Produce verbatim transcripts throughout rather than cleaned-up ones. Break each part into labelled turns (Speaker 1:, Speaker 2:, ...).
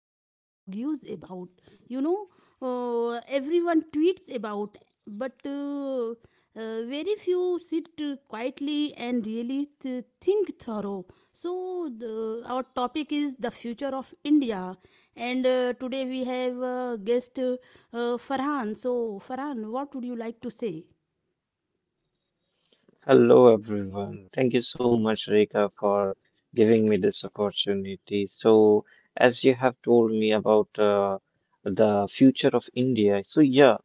Speaker 1: everyone argues about. You know, uh, Everyone tweets about, but uh, uh, very few sit uh, quietly and really th- think thorough. So, the, our topic is the future of India, and uh, today we have uh, guest uh, uh, Farhan. So, Farhan, what would you like to say?
Speaker 2: Hello, everyone. Thank you so much, Rika, for giving me this opportunity. So, as you have told me about uh, the future of India, so yeah,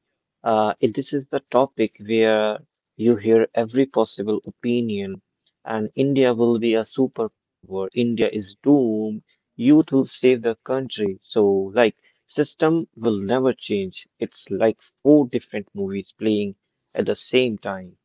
Speaker 2: uh, it- this is the topic where you hear every possible opinion, and India will be a superpower. India is doomed. Youth will save the country. So, like, system will never change. It's like four different movies playing at the same time.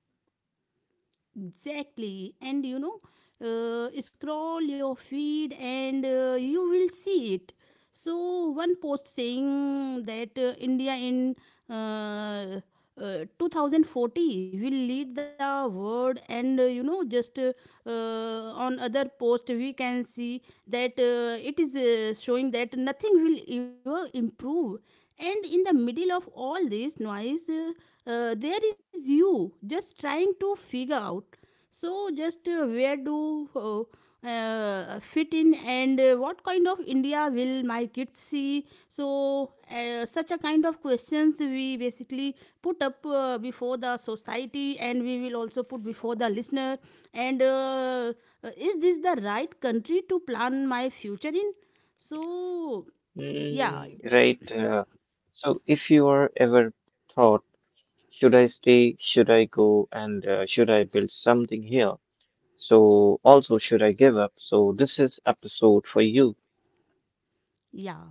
Speaker 1: Exactly. And you know, uh, scroll your feed and uh, you will see it. So, one post saying that uh, India in uh, uh, two thousand forty will lead the world, and uh, you know, just uh, uh, on other post, we can see that uh, it is uh, showing that nothing will ever improve. And in the middle of all this noise, uh, uh, there is you just trying to figure out. So, just uh, where do uh, uh, fit in, and uh, what kind of India will my kids see? So, uh, such a kind of questions we basically put up uh, before the society, and we will also put before the listener. And uh, uh, is this the right country to plan my future in? So, yeah.
Speaker 2: Mm, right. Uh, so, if you are ever thought, should I stay, should I go, and uh, should I build something here? So, also, should I give up? So, this is episode for you.
Speaker 1: Yeah.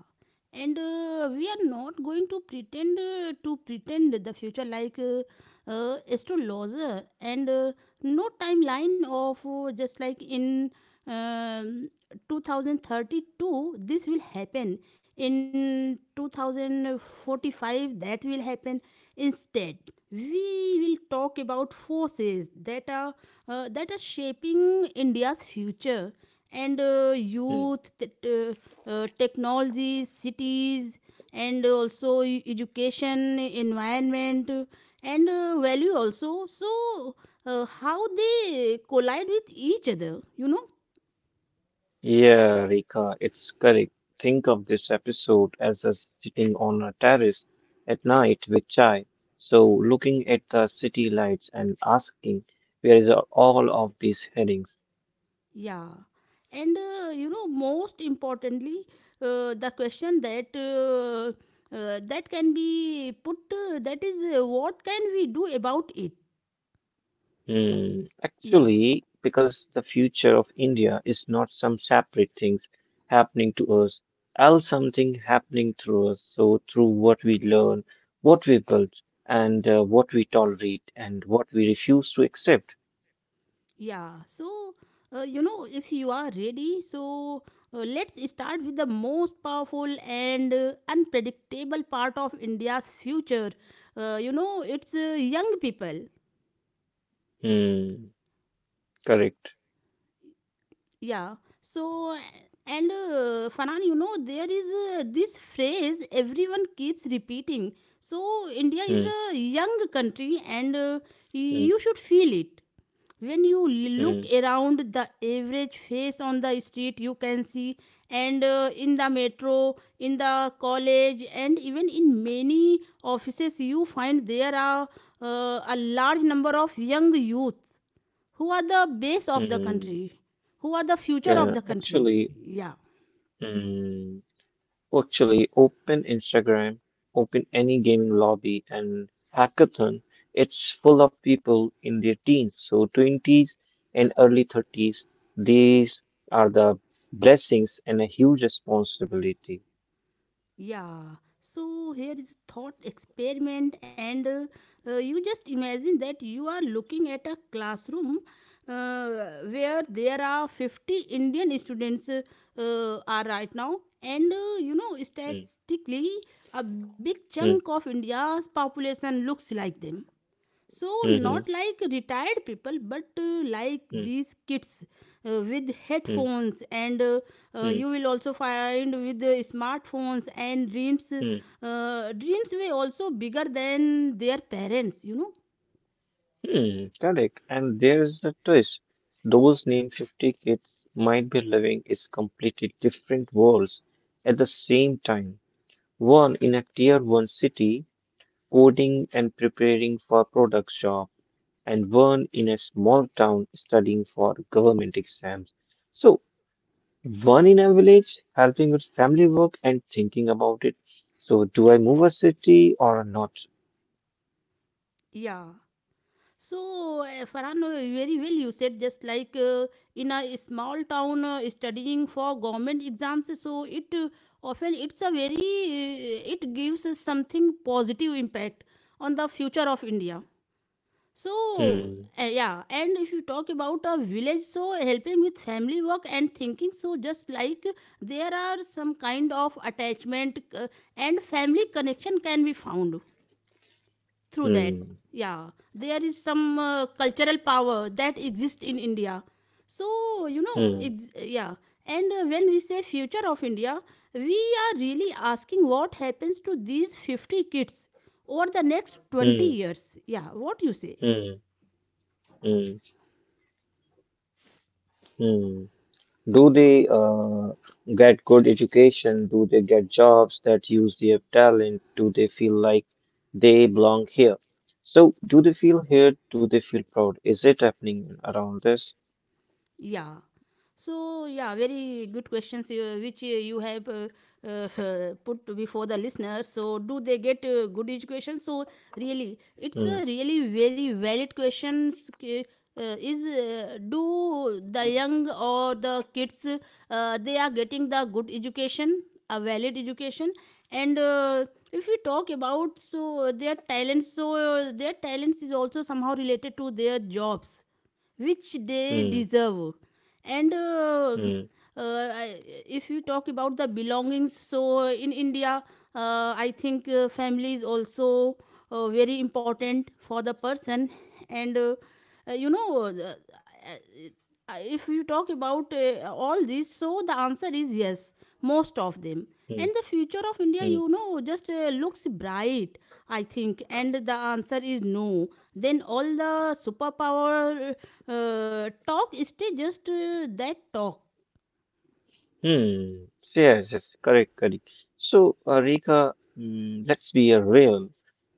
Speaker 1: And uh, we are not going to pretend uh, to pretend the future like uh, uh, astrologer, and uh, no timeline of, uh, just like in um, two thousand thirty-two this will happen, in two thousand forty-five that will happen. Instead, we will talk about forces that are uh, that are shaping India's future, and uh,
Speaker 2: Mm.
Speaker 1: youth, t- t- uh, technology, cities, and also e- education, environment, and uh, value also. So, uh, how they collide with each other, you know?
Speaker 2: Yeah, Rika, it's correct. Think of this episode as us sitting on a terrace at night with chai. So, looking at the city lights and asking, where is all of these headings?
Speaker 1: Yeah. And, uh, you know, most importantly, uh, the question that uh, uh, that can be put uh, that is, uh, what can we do about it.
Speaker 2: Mm,
Speaker 1: Yeah.
Speaker 2: actually, because the future of India is not some separate things happening to us, all something happening through us. So, through what we learn, what we build, and uh, what we tolerate, and what we refuse to accept.
Speaker 1: Yeah, so uh, you know, if you are ready, so uh, let's start with the most powerful and uh, unpredictable part of India's future. Uh, you know, it's uh, young people.
Speaker 2: Mm, correct.
Speaker 1: Yeah. So, and uh, Farhan, you know, there is uh, this phrase everyone keeps repeating. So, India
Speaker 2: Mm,
Speaker 1: is a young country, and uh,
Speaker 2: mm,
Speaker 1: you should feel it. When you l- look
Speaker 2: mm,
Speaker 1: around, the average face on the street, you can see, and uh, in the metro, in the college, and even in many offices, you find there are uh, a large number of young youth who are the base of the
Speaker 2: mm.
Speaker 1: country, who are the future
Speaker 2: Uh,
Speaker 1: of the country.
Speaker 2: actually,
Speaker 1: Yeah.
Speaker 2: mm. Actually, open Instagram, open any gaming lobby and hackathon, it's full of people in their teens, so twenties and early thirties. These are the blessings and a huge responsibility.
Speaker 1: Yeah. So here is thought experiment, and uh, uh, you just imagine that you are looking at a classroom, uh, where there are fifty Indian students uh, uh, are right now, and uh, you know,
Speaker 2: Mm,
Speaker 1: statistically, a big
Speaker 2: mm,
Speaker 1: chunk of India's population looks like them. So
Speaker 2: mhm,
Speaker 1: not like retired people, but uh, like
Speaker 2: mm,
Speaker 1: these kids uh, with
Speaker 2: mm,
Speaker 1: headphones, and uh,
Speaker 2: mm,
Speaker 1: uh,
Speaker 2: mm,
Speaker 1: you will also find with uh, smartphones and dreams
Speaker 2: mm.
Speaker 1: uh, dreams were also bigger than their parents, you know.
Speaker 2: mm. Correct. And there's a twist. Those named fifty kids might be living is completely different worlds at the same time. One in a tier one city coding and preparing for product job, and one in a small town studying for government exams. So one in a village helping with family work and thinking about it. So do I move a city or not?
Speaker 1: Yeah. So uh, Farhan, uh, very well you said, just like uh, in a small town uh, studying for government exams. So it uh, often it's a very uh, it gives us something positive impact on the future of India. So,
Speaker 2: Hmm,
Speaker 1: uh, yeah, and if you talk about a village, so helping with family work and thinking, so just like there are some kind of attachment, uh, and family connection can be found through that.
Speaker 2: hmm,
Speaker 1: Yeah, there is some uh, cultural power that exists in India. So, you know,
Speaker 2: hmm,
Speaker 1: ex- yeah, and uh, when we say future of India, we are really asking what happens to these fifty kids over the next twenty
Speaker 2: hmm,
Speaker 1: years. Yeah, what you say?
Speaker 2: hmm, hmm, hmm. Do they uh, get good education? Do they get jobs that use their talent? Do they feel like they belong here? So, do they feel here? Do they feel proud? Is it happening around us?
Speaker 1: Yeah. So, yeah, very good questions uh, which uh, you have uh, uh, put before the listeners. So, do they get uh, good education? So, really, it's
Speaker 2: Hmm,
Speaker 1: a really very valid questions. Ki- Uh, is, uh, do the young or the kids, uh, they are getting the good education, a valid education, and uh, if we talk about, so their talents, so uh, their talents is also somehow related to their jobs which they
Speaker 2: hmm,
Speaker 1: deserve. And uh,
Speaker 2: hmm,
Speaker 1: uh, I- if you talk about the belongings, so in India, uh, I think uh, family is also uh, very important for the person. And uh, uh, you know, uh, uh, uh, if you talk about uh, all this, so the answer is yes, most of them.
Speaker 2: hmm,
Speaker 1: And the future of India,
Speaker 2: hmm,
Speaker 1: you know, just uh, looks bright, I think. And the answer is no, then all the superpower uh, talk is just uh, that talk.
Speaker 2: hmm. So, yes, yes, correct, correct. So, uh, Rika, mm, let's be uh, real.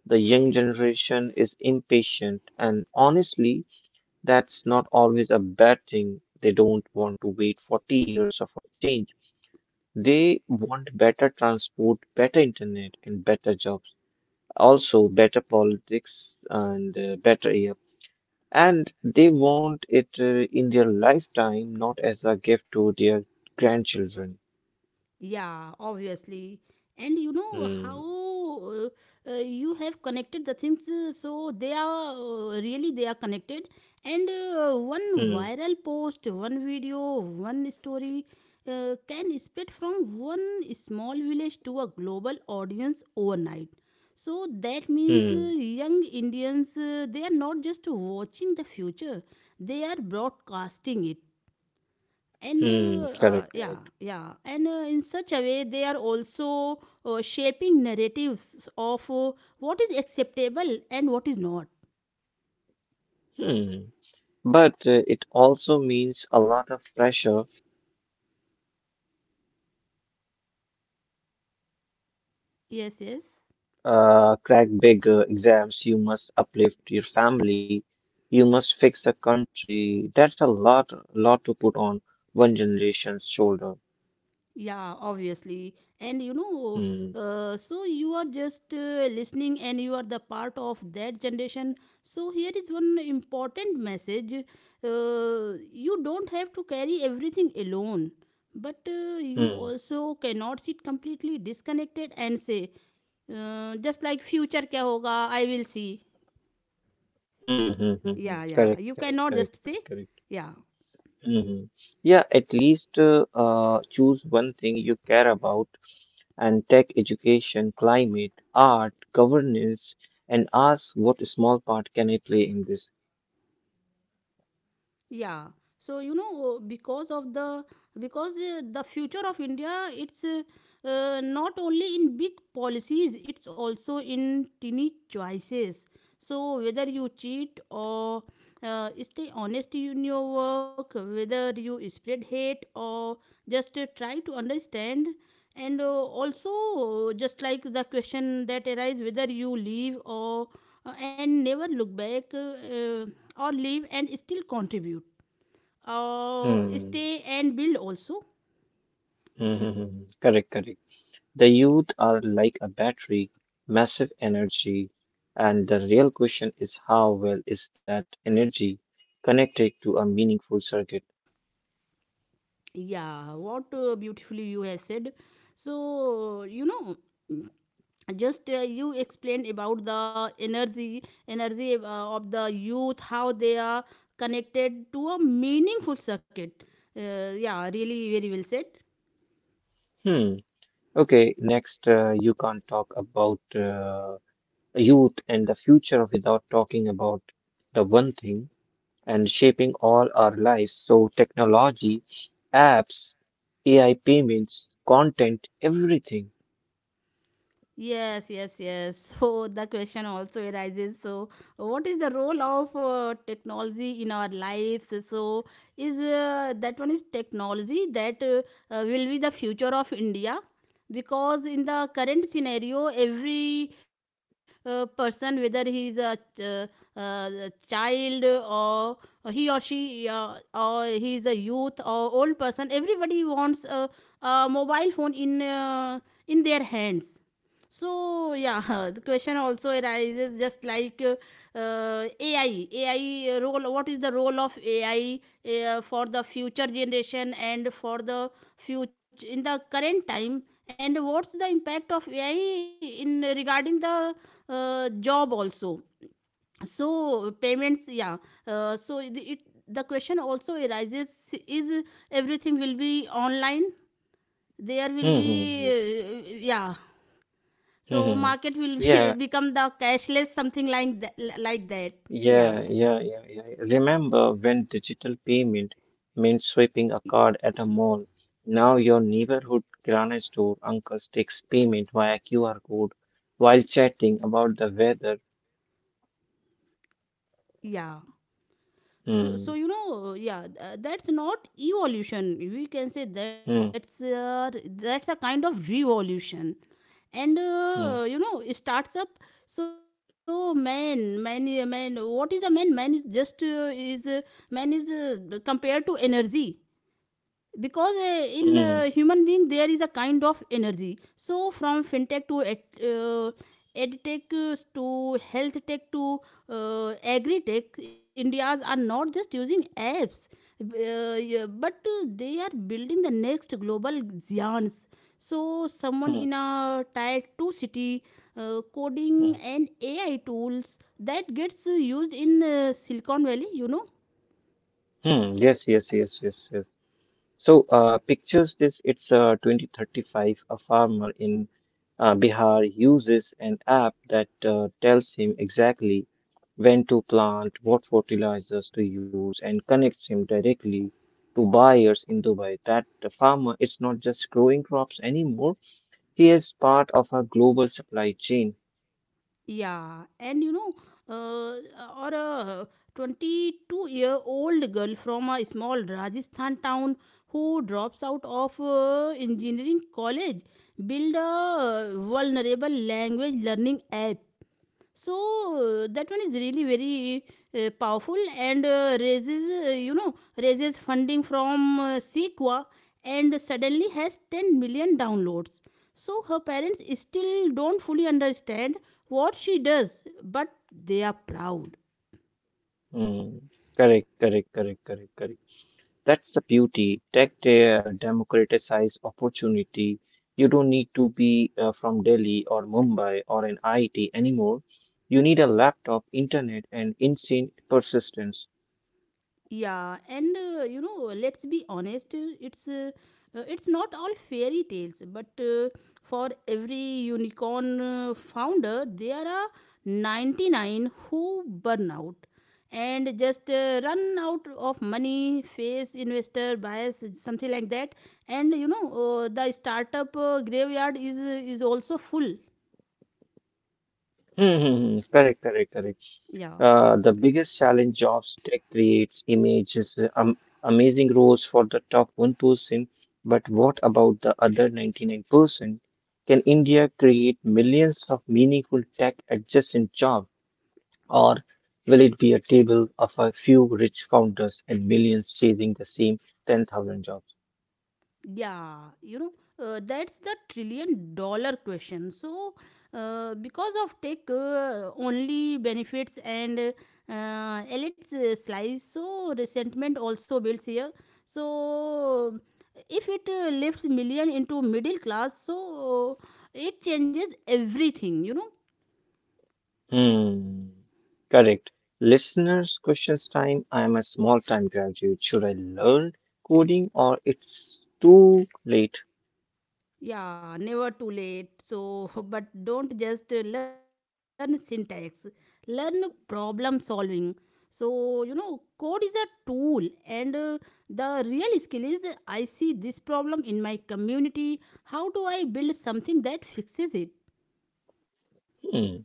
Speaker 2: The young generation is impatient, and honestly, that's not always a bad thing. They don't want to wait forty years for change. They want better transport, better internet, and better jobs. Also, better politics and uh, better air. And they want it uh, in their lifetime, not as a gift to their grandchildren.
Speaker 1: Yeah, obviously. And you know
Speaker 2: Hmm,
Speaker 1: how uh, uh, you have connected the things, uh, so they are uh, really they are connected. And uh, one
Speaker 2: hmm,
Speaker 1: viral post, one video, one story uh, can spread from one small village to a global audience overnight. So that means
Speaker 2: hmm,
Speaker 1: uh, young Indians, uh, they are not just watching the future; they are broadcasting it. And
Speaker 2: hmm.
Speaker 1: uh,
Speaker 2: Correct,
Speaker 1: uh,
Speaker 2: correct.
Speaker 1: yeah, yeah. And uh, in such a way they are also uh, shaping narratives of uh, what is acceptable and what is not.
Speaker 2: Hmm. But uh, it also means a lot of pressure,
Speaker 1: Yes, yes.
Speaker 2: uh, crack big uh, exams, you must uplift your family, you must fix a country. That's a lot, lot to put on one generation's shoulder.
Speaker 1: Yeah, obviously. And you know,
Speaker 2: Hmm.
Speaker 1: uh, so you are just uh, listening, and you are the part of that generation. So here is one important message: uh, you don't have to carry everything alone, but uh, you
Speaker 2: Hmm.
Speaker 1: also cannot sit completely disconnected and say, uh, just like, future kya hoga, I will see.
Speaker 2: Hmm. Hmm. Hmm.
Speaker 1: Yeah,
Speaker 2: hmm.
Speaker 1: yeah. You
Speaker 2: Correct. Correct.
Speaker 1: cannot
Speaker 2: Correct.
Speaker 1: just say,
Speaker 2: Correct. Correct.
Speaker 1: yeah.
Speaker 2: Hmm hmm. Yeah. At least uh, uh, choose one thing you care about and take education, climate, art, governance, and ask what small part can I play in this.
Speaker 1: Yeah, so you know, uh, because of the because uh, the future of India, it's uh, uh, not only in big policies, it's also in tiny choices. So whether you cheat or uh, stay honest in your work, whether you spread hate or just uh, try to understand, and uh, also, uh, just like the question that arises, whether you leave or, uh, and never look back, uh, uh, or leave and still contribute, uh,
Speaker 2: Hmm. Hmm.
Speaker 1: stay and build also.
Speaker 2: hmm, hmm, hmm. Correct. Correct. The youth are like a battery, massive energy, and the real question is how well is that energy connected to a meaningful circuit?
Speaker 1: Yeah, what uh, beautifully you have said. So you know, just uh, you explained about the energy energy uh, of the youth, how they are connected to a meaningful circuit. Uh, yeah, really very well said.
Speaker 2: Hmm. Okay, next, uh, you can't talk about uh, youth and the future without talking about the one thing and shaping all our lives. So, technology, apps, A I payments, content, everything.
Speaker 1: Yes, yes, yes. So the question also arises. So, what is the role of uh, technology in our lives? So, is uh, that one is technology that uh, uh, will be the future of India? Because in the current scenario, every uh, person, whether he is a ch- uh, uh, child, or he or she, uh, or he is a youth or old person, everybody wants a, a mobile phone in uh, in their hands. So yeah, the question also arises, just like uh, uh, A I, A I role. What is the role of A I uh, for the future generation and for the future in the current time? And what's the impact of A I in regarding the uh, job also? So, payments, yeah. Uh, so it, it the question also arises: is everything will be online? There will
Speaker 2: Hmm. hmm, hmm,
Speaker 1: be, uh, yeah, so
Speaker 2: hmm, hmm.
Speaker 1: market will be,
Speaker 2: Yeah,
Speaker 1: become the cashless, something like that, like that.
Speaker 2: yeah,
Speaker 1: Yeah,
Speaker 2: yeah, yeah, yeah. Remember when digital payment meant swiping a card at a mall? Now your neighborhood grocery store uncle takes payment via Q R code while chatting about the weather.
Speaker 1: yeah. So so
Speaker 2: Hmm,
Speaker 1: you know, yeah, th- uh, that's not evolution. We can say that's
Speaker 2: hmm,
Speaker 1: a, that's a kind of revolution. And uh, you
Speaker 2: hmm,
Speaker 1: know, it starts up. So man, man, uh, man. What is a man? Man is just uh, is uh, man is uh, compared to energy, because uh, in uh,
Speaker 2: hmm,
Speaker 1: human being there is a kind of energy. So from fintech to ed- uh, edtech uh, to health tech to uh, agri tech, Indias are not just using apps, uh, yeah, but uh, they are building the next global giants. So someone
Speaker 2: hmm,
Speaker 1: in a tier two city uh,
Speaker 2: hmm.
Speaker 1: coding and AI tools that gets uh, used in uh, Silicon Valley, you know.
Speaker 2: hmm. Yes, yes, yes, yes, yes. So uh, pictures this, it's uh, twenty thirty-five. A farmer in uh, Bihar uses an app that uh, tells him exactly when to plant, what fertilizers to use, and connects him directly to buyers in Dubai. That the farmer is not just growing crops anymore, he is part of a global supply chain.
Speaker 1: Yeah, and you know, uh, or a twenty-two year old girl from a small Rajasthan town, who drops out of uh, engineering college, build a vulnerable language learning app. So uh, that one is really very uh, powerful, and uh, raises uh, you know raises funding from uh, sequa, and suddenly has ten million downloads. So her parents still don't fully understand what she does, but they are proud.
Speaker 2: Hmm. Correct, correct, correct, correct, correct. That's the beauty. Tech uh, democratizes opportunity. You don't need to be uh, from Delhi or Mumbai or an I I T anymore. You need a laptop, internet, and insane persistence.
Speaker 1: Yeah, and uh, you know, let's be honest, uh, it's uh, uh, it's not all fairy tales, but uh, for every unicorn uh, founder, there are ninety-nine who burn out and just uh, run out of money, face investor bias, something like that. And you know, uh, the startup uh, graveyard is is also full.
Speaker 2: Hmm, hmm, hmm. Correct, correct, correct.
Speaker 1: Yeah.
Speaker 2: Uh, the biggest challenge jobs tech creates images, uh, um, amazing roles for the top one percent. But what about the other ninety-nine percent? Can India create millions of meaningful tech adjacent jobs? Or will it be a table of a few rich founders and millions chasing the same ten thousand jobs?
Speaker 1: Yeah, you know, uh, that's the trillion dollar question. So, uh, because of tech uh, only benefits and uh, elite uh, slice, so resentment also builds here. So, if it uh, lifts million into middle class, so uh, it changes everything, you know.
Speaker 2: Hmm. Correct. Listeners, questions time. I am a small time graduate. Should I learn coding or it's too late?
Speaker 1: Yeah, never too late. So, but don't just uh, learn syntax, learn problem solving. So, you know, code is a tool, and uh, the real skill is uh, I see this problem in my community. How do I build something that fixes it?
Speaker 2: Hmm.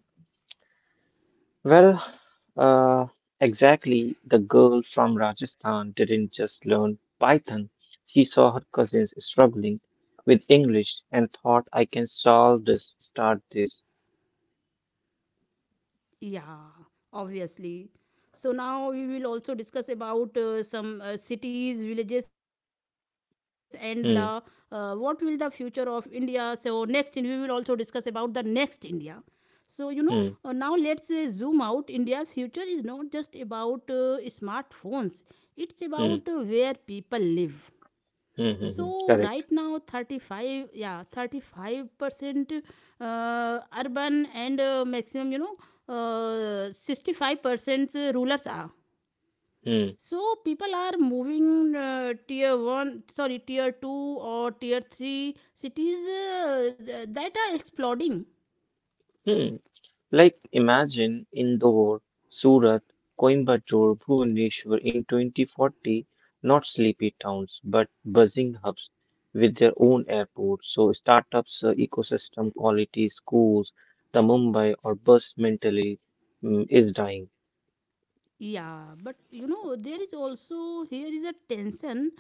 Speaker 2: Well, uh, exactly. The girl from Rajasthan didn't just learn Python. She saw her cousins struggling with English and thought, I can solve this, start this.
Speaker 1: Yeah, obviously. So now we will also discuss about uh, some uh, cities, villages, and the uh, what will the
Speaker 2: Hmm.
Speaker 1: future of India. So next, in- we will also discuss about the next India. So you know uh, now let's
Speaker 2: hmm.
Speaker 1: uh, zoom out. India's future is not just about uh, smartphones; it's about uh,
Speaker 2: Hmm.
Speaker 1: where people live.
Speaker 2: Hmm. Hmm. hmm.
Speaker 1: So right
Speaker 2: Correct.
Speaker 1: now thirty-five yeah thirty-five percent uh, urban and uh, maximum you know uh, sixty-five percent rulers are,
Speaker 2: Hmm.
Speaker 1: so people are moving uh, tier one sorry tier two or tier three cities, uh, th- that are exploding.
Speaker 2: Hmm. Mm. Like imagine Indore, Surat, Coimbatore, Bhubaneswar in twenty forty, not sleepy towns, but buzzing hubs with their own airports. So startups, uh, ecosystem quality, schools, the Mumbai or bus mentally mm, is dying.
Speaker 1: Yeah, but you know, there is also here is a tension,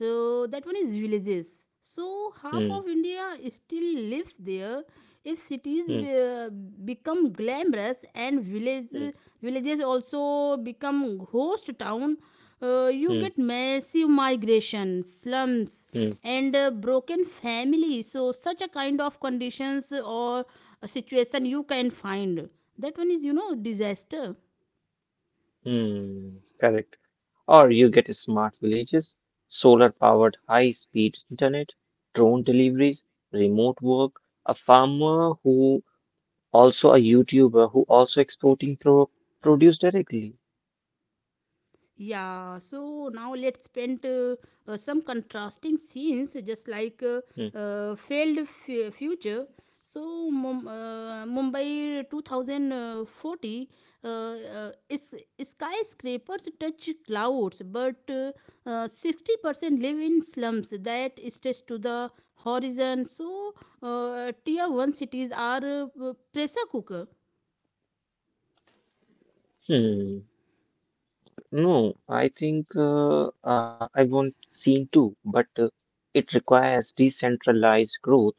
Speaker 1: uh, that one is villages. So half
Speaker 2: Hmm.
Speaker 1: of India still lives there. If cities
Speaker 2: Hmm.
Speaker 1: be, become glamorous and village
Speaker 2: Hmm.
Speaker 1: villages also become host town, uh, you
Speaker 2: Hmm.
Speaker 1: get massive migration, slums,
Speaker 2: hmm.
Speaker 1: and uh, broken family. So such a kind of conditions or a situation you can find. That one is you know disaster.
Speaker 2: Hmm, correct. Or you get smart villages, solar-powered high-speed internet, drone deliveries, remote work, a farmer who also a YouTuber who also exporting pro produce directly.
Speaker 1: Yeah, so now let's paint uh, uh, some contrasting scenes, just like uh,
Speaker 2: Hmm.
Speaker 1: uh, failed f- future. So Mum- uh, Mumbai twenty forty, uh, uh, is, skyscrapers touch clouds, but uh, uh, sixty percent live in slums that stretch to the horizon. So uh, tier one cities are uh, pressure cooker.
Speaker 2: Hmm. No, I think uh, uh, I want seen too, but uh, it requires decentralized growth.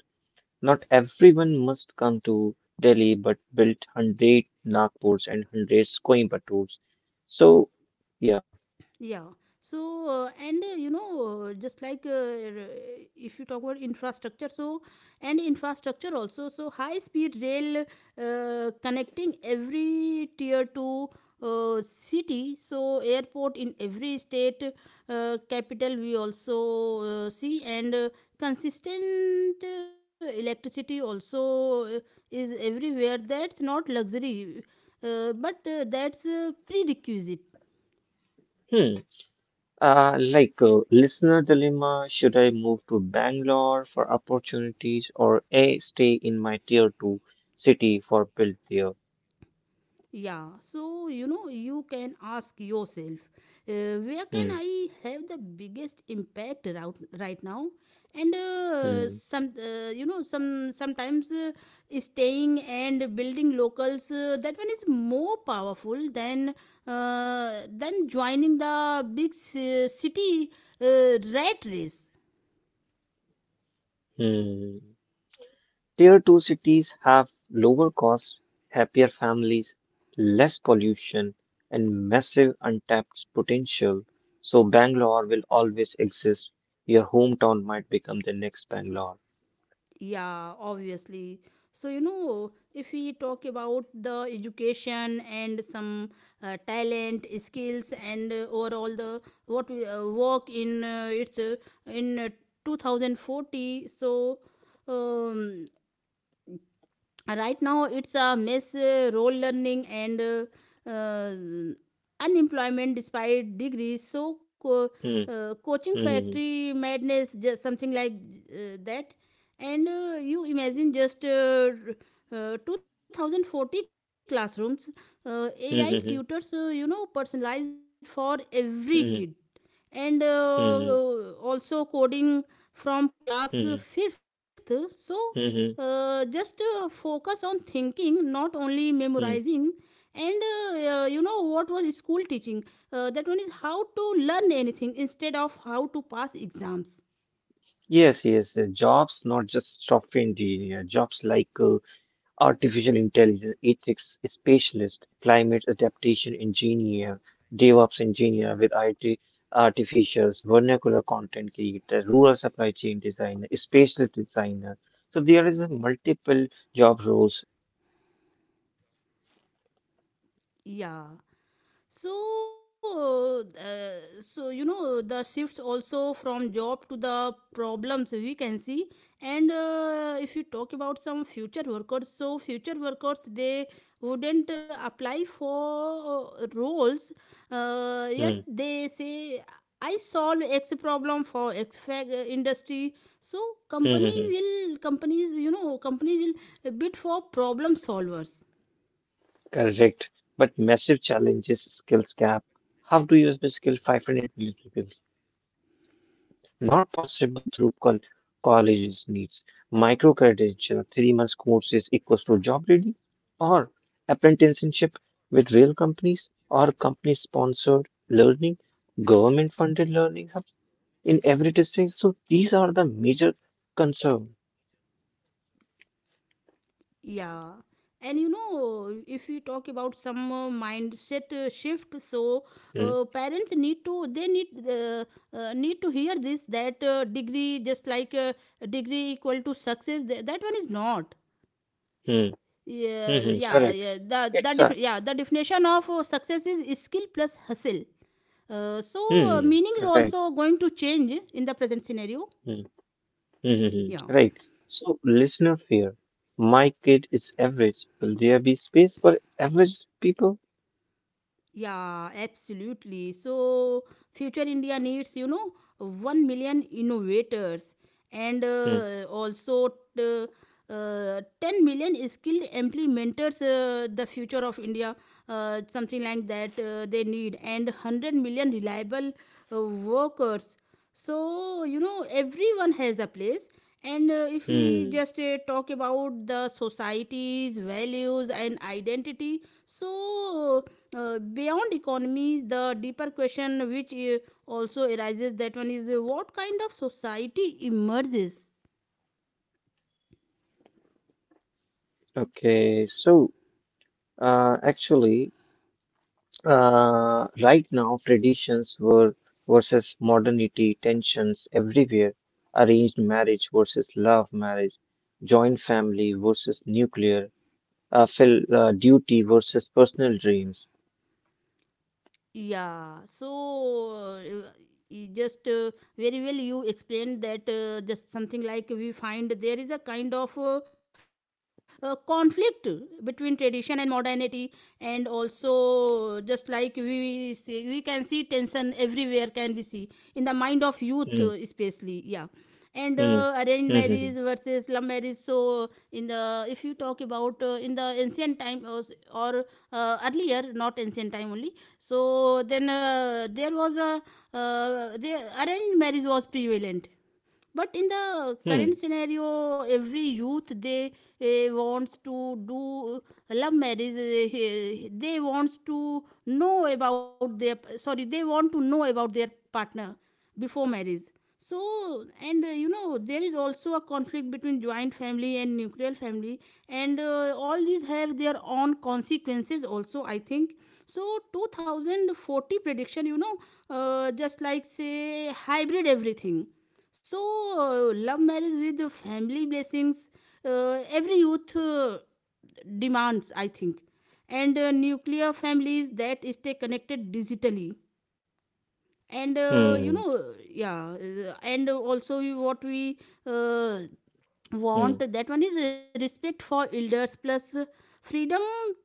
Speaker 2: Not everyone must come to Delhi, but built one hundred Nagpurs and one hundred Coimbatores. So, yeah.
Speaker 1: Yeah. So, uh, and uh, you know, uh, just like uh, r- if you talk about infrastructure, so and infrastructure also, so high speed rail uh, connecting every tier two uh, city, so airport in every state uh, capital we also uh, see, and uh, consistent uh, electricity also uh, is everywhere. That's not luxury, uh, but uh, that's a prerequisite.
Speaker 2: Hmm. Uh, like uh, listener dilemma, should I move to Bangalore for opportunities or A, stay in my tier two city for build there?
Speaker 1: Yeah, so you know, you can ask yourself, uh, where can
Speaker 2: Hmm.
Speaker 1: I have the biggest impact right, right now? And uh,
Speaker 2: Hmm.
Speaker 1: some, uh, you know, some sometimes uh, staying and building locals. Uh, that one is more powerful than uh, than joining the big ci- city uh, rat race.
Speaker 2: Hmm. Tier two cities have lower costs, happier families, less pollution, and massive untapped potential. So, Bangalore will always exist. Your hometown might become the next Bangalore.
Speaker 1: Yeah, obviously. So, you know, if we talk about the education and some uh, talent, skills, and uh, overall the what we uh, work in uh, it's uh, in uh, two thousand forty. So, um, right now it's a mess, uh, role learning and uh, uh, unemployment despite degrees, so co-
Speaker 2: Hmm,
Speaker 1: uh, coaching
Speaker 2: hmm,
Speaker 1: factory madness just something like uh, that. And uh, you imagine just uh, uh, two thousand forty classrooms, uh, ai
Speaker 2: hmm,
Speaker 1: tutors,
Speaker 2: hmm,
Speaker 1: uh, you know, personalized for every kid,
Speaker 2: hmm,
Speaker 1: and uh,
Speaker 2: hmm,
Speaker 1: uh, also coding from class
Speaker 2: hmm, hmm, hmm,
Speaker 1: fifth. So
Speaker 2: hmm. hmm,
Speaker 1: uh, just uh, focus on thinking, not only
Speaker 2: hmm.
Speaker 1: memorizing. And uh, uh, you know what was school teaching, uh, that one is how to learn anything instead of how to pass exams.
Speaker 2: Yes, yes, uh, jobs, not just software engineer, jobs like uh, artificial intelligence ethics specialist, climate adaptation engineer, DevOps engineer with I T artificials, vernacular content creator, rural supply chain designer, spatial designer. So there is a multiple job roles.
Speaker 1: Yeah. So, uh, uh, so you know, the shifts also from job to the problems we can see. And uh, if you talk about some future workers, so future workers, they wouldn't uh, apply for uh, roles, uh,
Speaker 2: Hmm,
Speaker 1: yet they say I solve X problem for X fac- uh, industry. So
Speaker 2: hmm, hmm,
Speaker 1: company
Speaker 2: hmm.
Speaker 1: will companies, you know, company will bid for problem solvers.
Speaker 2: Correct. But massive challenges, skills gap. How to use the skill five hundred million people? Not possible through col- colleges needs. Microcredential, three months courses equals to job ready or apprenticeship with real companies or company sponsored learning, government funded learning hubs in every district. So these are the major concern.
Speaker 1: Yeah. And you know, if you talk about some uh, mindset uh, shift, so uh,
Speaker 2: Hmm,
Speaker 1: parents need to, they need uh, uh, need to hear this that uh, degree, just like uh, degree equal to success. Th- that one is not.
Speaker 2: hmm, hmm,
Speaker 1: Yeah,
Speaker 2: hmm,
Speaker 1: yeah,
Speaker 2: correct.
Speaker 1: yeah. The the
Speaker 2: It's
Speaker 1: def-
Speaker 2: a
Speaker 1: yeah the definition of uh, success is skill plus hustle. Uh, so uh,
Speaker 2: hmm,
Speaker 1: meaning is
Speaker 2: right.
Speaker 1: also going to change in the present scenario.
Speaker 2: Hmm, hmm, hmm,
Speaker 1: Yeah.
Speaker 2: hmm, right. So listener fear. My kid is average. Will there be space for average people?
Speaker 1: Yeah, absolutely. So, future India needs, you know, one million innovators and
Speaker 2: Hmm,
Speaker 1: uh, also t- uh, ten million skilled implementers, uh, the future of India, uh, something like that uh, they need, and one hundred million reliable uh, workers. So, you know, everyone has a place. And uh, if we
Speaker 2: hmm.
Speaker 1: just uh, talk about the society's values and identity, so uh, beyond economy, the deeper question which uh, also arises, that one is uh, what kind of society emerges.
Speaker 2: Okay. So, uh, actually, uh, right now, traditions were versus modernity, tensions everywhere. Arranged marriage versus love marriage, joint family versus nuclear, uh, fil uh, duty versus personal dreams.
Speaker 1: Yeah, so uh, y- just uh, very well you explained that, uh, just something like we find there is a kind of uh, uh, conflict between tradition and modernity, and also just like we see, we can see tension everywhere. Can we see in the mind of youth,
Speaker 2: Hmm.
Speaker 1: uh, especially? Yeah. And
Speaker 2: Hmm.
Speaker 1: uh, arranged
Speaker 2: Hmm.
Speaker 1: marriage versus love marriage. So in the, if you talk about uh, in the ancient time or, s- or uh, earlier, not ancient time only, so then uh, there was a uh, the arranged marriage was prevalent, but in the current
Speaker 2: Hmm.
Speaker 1: scenario every youth they uh, wants to do, eh, love marriage, uh, they wants to know about their sorry they want to know about their partner before marriage. So and uh, you know, there is also a conflict between joint family and nuclear family, and uh, all these have their own consequences also, I think. So two thousand forty prediction, you know, uh, just like, say, hybrid everything. So, uh, love marriage with family blessings, uh, every youth uh, demands, I think. And uh, nuclear families that stay connected digitally. And uh,
Speaker 2: Hmm.
Speaker 1: you know, yeah, uh, and also we- what we uh,
Speaker 2: Hmm.
Speaker 1: want, that one is respect for elders plus freedom to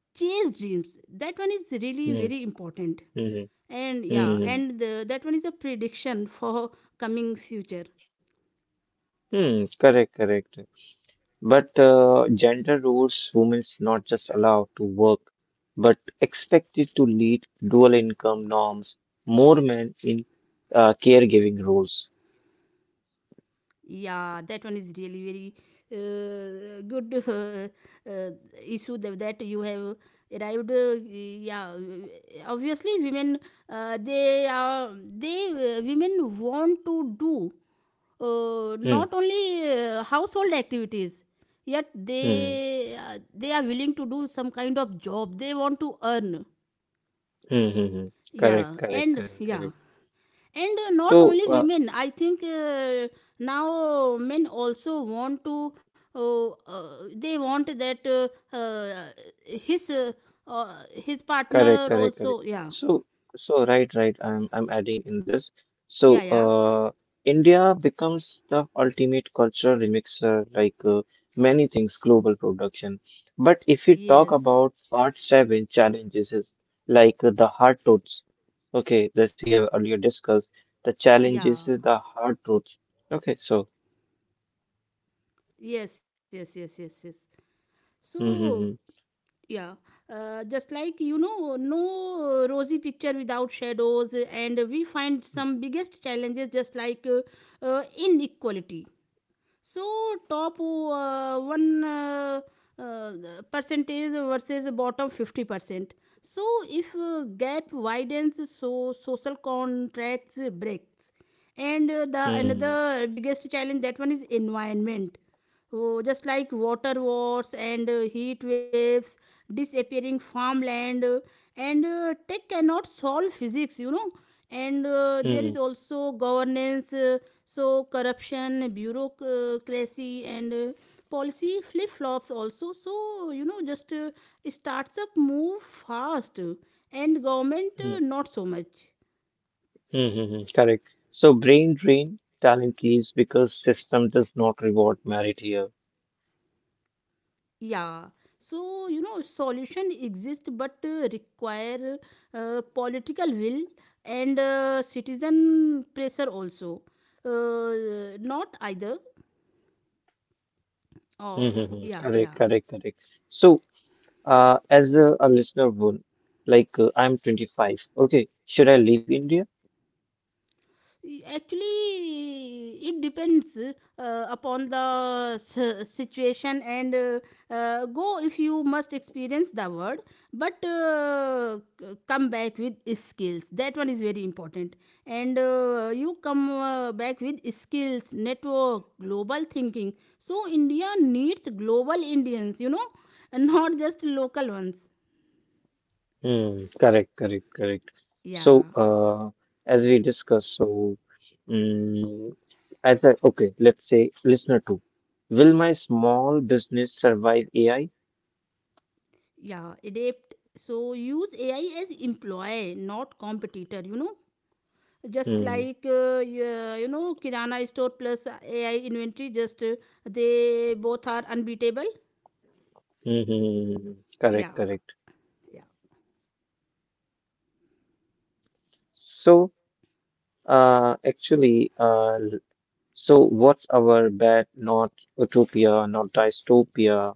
Speaker 1: chase dreams. That one is really
Speaker 2: Hmm.
Speaker 1: very important.
Speaker 2: Hmm.
Speaker 1: And
Speaker 2: Hmm.
Speaker 1: yeah,
Speaker 2: Hmm.
Speaker 1: and the, that one is a prediction for coming future.
Speaker 2: Hmm. Correct. Correct. But uh, gender roles women's not just allowed to work, but expected to lead dual income norms, more men in uh, caregiving roles.
Speaker 1: Yeah, that one is really very uh, good uh, uh, issue that, that you have arrived. Uh, yeah, obviously, women uh, they are they uh, women want to do uh,
Speaker 2: Hmm,
Speaker 1: not only uh, household activities, yet
Speaker 2: hmm,
Speaker 1: they uh, they are willing to do some kind of job. They want to earn.
Speaker 2: hmm, hmm, hmm. Correct,
Speaker 1: Yeah,
Speaker 2: correct,
Speaker 1: and
Speaker 2: correct,
Speaker 1: yeah,
Speaker 2: correct.
Speaker 1: and uh, not
Speaker 2: So,
Speaker 1: only
Speaker 2: uh,
Speaker 1: women, I think uh, now men also want to uh, uh, they want that uh, uh, his uh, uh, his
Speaker 2: correct,
Speaker 1: partner
Speaker 2: correct, correct.
Speaker 1: also, yeah,
Speaker 2: So, so right, right. I'm I'm adding in this. So,
Speaker 1: yeah, yeah,
Speaker 2: uh, India becomes the ultimate cultural remixer, like uh, many things, global production. But if you talk
Speaker 1: yes,
Speaker 2: about part seven challenges, is like uh, the hard truths. Okay, this we have earlier discussed. The
Speaker 1: yeah,
Speaker 2: challenges is the hard truths. Okay, so.
Speaker 1: yes, yes, yes, yes, yes. So
Speaker 2: Mm-hmm,
Speaker 1: yeah, uh, just like, you know, no rosy picture without shadows, and we find some biggest challenges, just like uh, uh, inequality. So top uh, one uh, uh, percentage versus bottom fifty percent. So if uh, gap widens, so social contracts breaks. And uh, the
Speaker 2: mm-hmm,
Speaker 1: another biggest challenge, that one is environment. Oh, just like water wars and uh, heat waves, disappearing farmland, uh, and uh, tech cannot solve physics, you know. And uh,
Speaker 2: mm-hmm,
Speaker 1: there
Speaker 2: mm-hmm.
Speaker 1: is also governance, uh, so corruption, bureaucracy, and uh, policy flip flops also. So, you know, just uh, starts up move fast, uh, and government uh, not so much.
Speaker 2: Mm-hmm. mm-hmm. Correct. So brain drain talent leaves because system does not reward merit here.
Speaker 1: Yeah. So, you know, solution exist, but uh, require uh, political will and uh, citizen pressure also. Uh, not either. Oh,
Speaker 2: Mm-hmm.
Speaker 1: yeah,
Speaker 2: Correct,
Speaker 1: yeah.
Speaker 2: correct, correct. So uh, as a, a listener would, like uh, I'm twenty-five. Okay, should I leave India?
Speaker 1: Actually, it depends uh, upon the s- situation and uh, uh, go if you must experience the word, but uh, c- come back with skills. That one is very important. And uh, you come uh, back with skills, network, global thinking. So, India needs global Indians, you know, and not just local ones.
Speaker 2: Hmm. Correct, correct, correct. So
Speaker 1: Yeah,
Speaker 2: uh, as we discussed, so mm as I okay, let's say listener two, will my small business survive A I?
Speaker 1: yeah, adapt. So use A I as employee, not competitor, you know. Just
Speaker 2: Mm-hmm.
Speaker 1: like, uh, yeah, you know, kirana store plus ai inventory, just uh, they both are unbeatable. Yeah,
Speaker 2: Correct, correct.
Speaker 1: yeah,
Speaker 2: So. Uh, actually, uh, l- so what's our bet? Not utopia, not dystopia.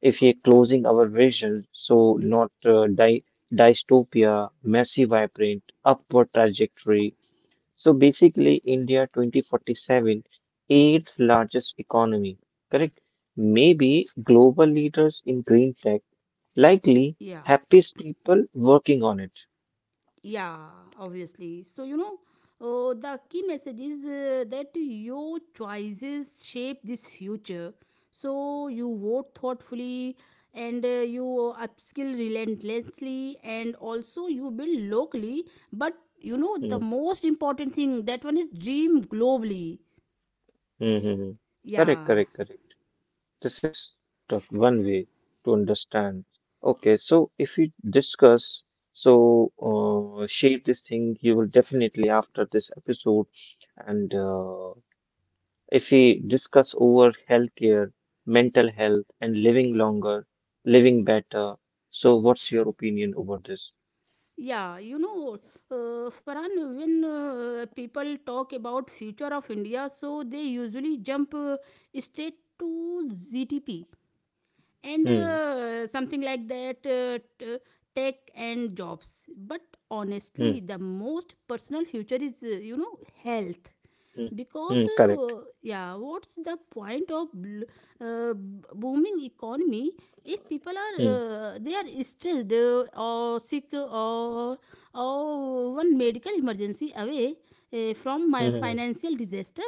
Speaker 2: If we are closing our vision, so not uh, dy dystopia, massive vibrant, upward trajectory. So basically, India twenty forty-seven, eighth largest economy, correct? Maybe global leaders in green tech, likely
Speaker 1: yeah,
Speaker 2: happiest people working on it.
Speaker 1: yeah, obviously. So you know, uh, the key message is uh, that your choices shape this future. So you vote thoughtfully, and uh, you upskill relentlessly, and also you build locally, but you know the
Speaker 2: Mm-hmm.
Speaker 1: most important thing, that one is dream globally.
Speaker 2: mm-hmm, mm-hmm. Correct,
Speaker 1: Yeah.
Speaker 2: correct, correct. This is the one way to understand. Okay, so if we discuss, so uh, shape this thing, you will definitely after this episode. And uh, if we discuss over healthcare, mental health, and living longer, living better. So, what's your opinion over this?
Speaker 1: Yeah, you know, uh, Farhan, when uh, people talk about future of India, so they usually jump uh, straight to G D P and
Speaker 2: Hmm,
Speaker 1: uh, something like that, uh, t- tech and jobs, but
Speaker 2: hmm,
Speaker 1: honestly the most personal future is, uh, you know, health,
Speaker 2: hmm,
Speaker 1: because
Speaker 2: hmm, correct.
Speaker 1: uh, yeah, what's the point of bl- uh, b- booming economy if people are
Speaker 2: Hmm,
Speaker 1: uh, they are stressed, uh, or sick, or or one medical emergency away uh, from my
Speaker 2: hmm. hmm, hmm.
Speaker 1: financial disaster.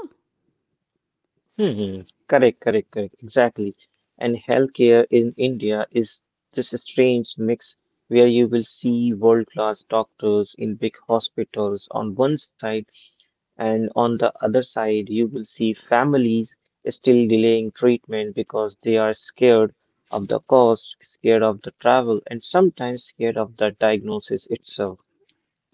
Speaker 2: Hmm, correct, correct, correct, exactly. And healthcare in India is this strange mix where you will see world-class doctors in big hospitals on one side, and on the other side, you will see families still delaying treatment because they are scared of the cost, scared of the travel, and sometimes scared of the diagnosis itself.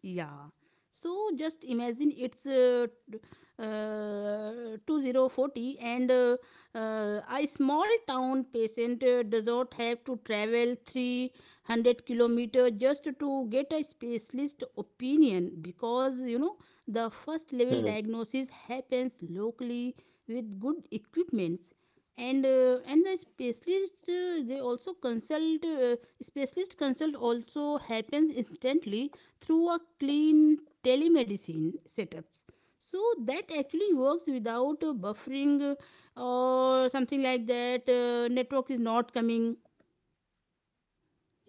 Speaker 1: Yeah. So just imagine it's uh, t- uh, two thousand forty, and uh, uh, a small town patient uh, does not have to travel three hundred kilometers just to get a specialist opinion, because you know the first level
Speaker 2: Hmm,
Speaker 1: diagnosis happens locally with good equipments, and uh, and the specialist uh, they also consult uh, specialist consult also happens instantly through a clean telemedicine setups, so that actually works without uh, buffering, uh, or something like that, uh, network is not coming.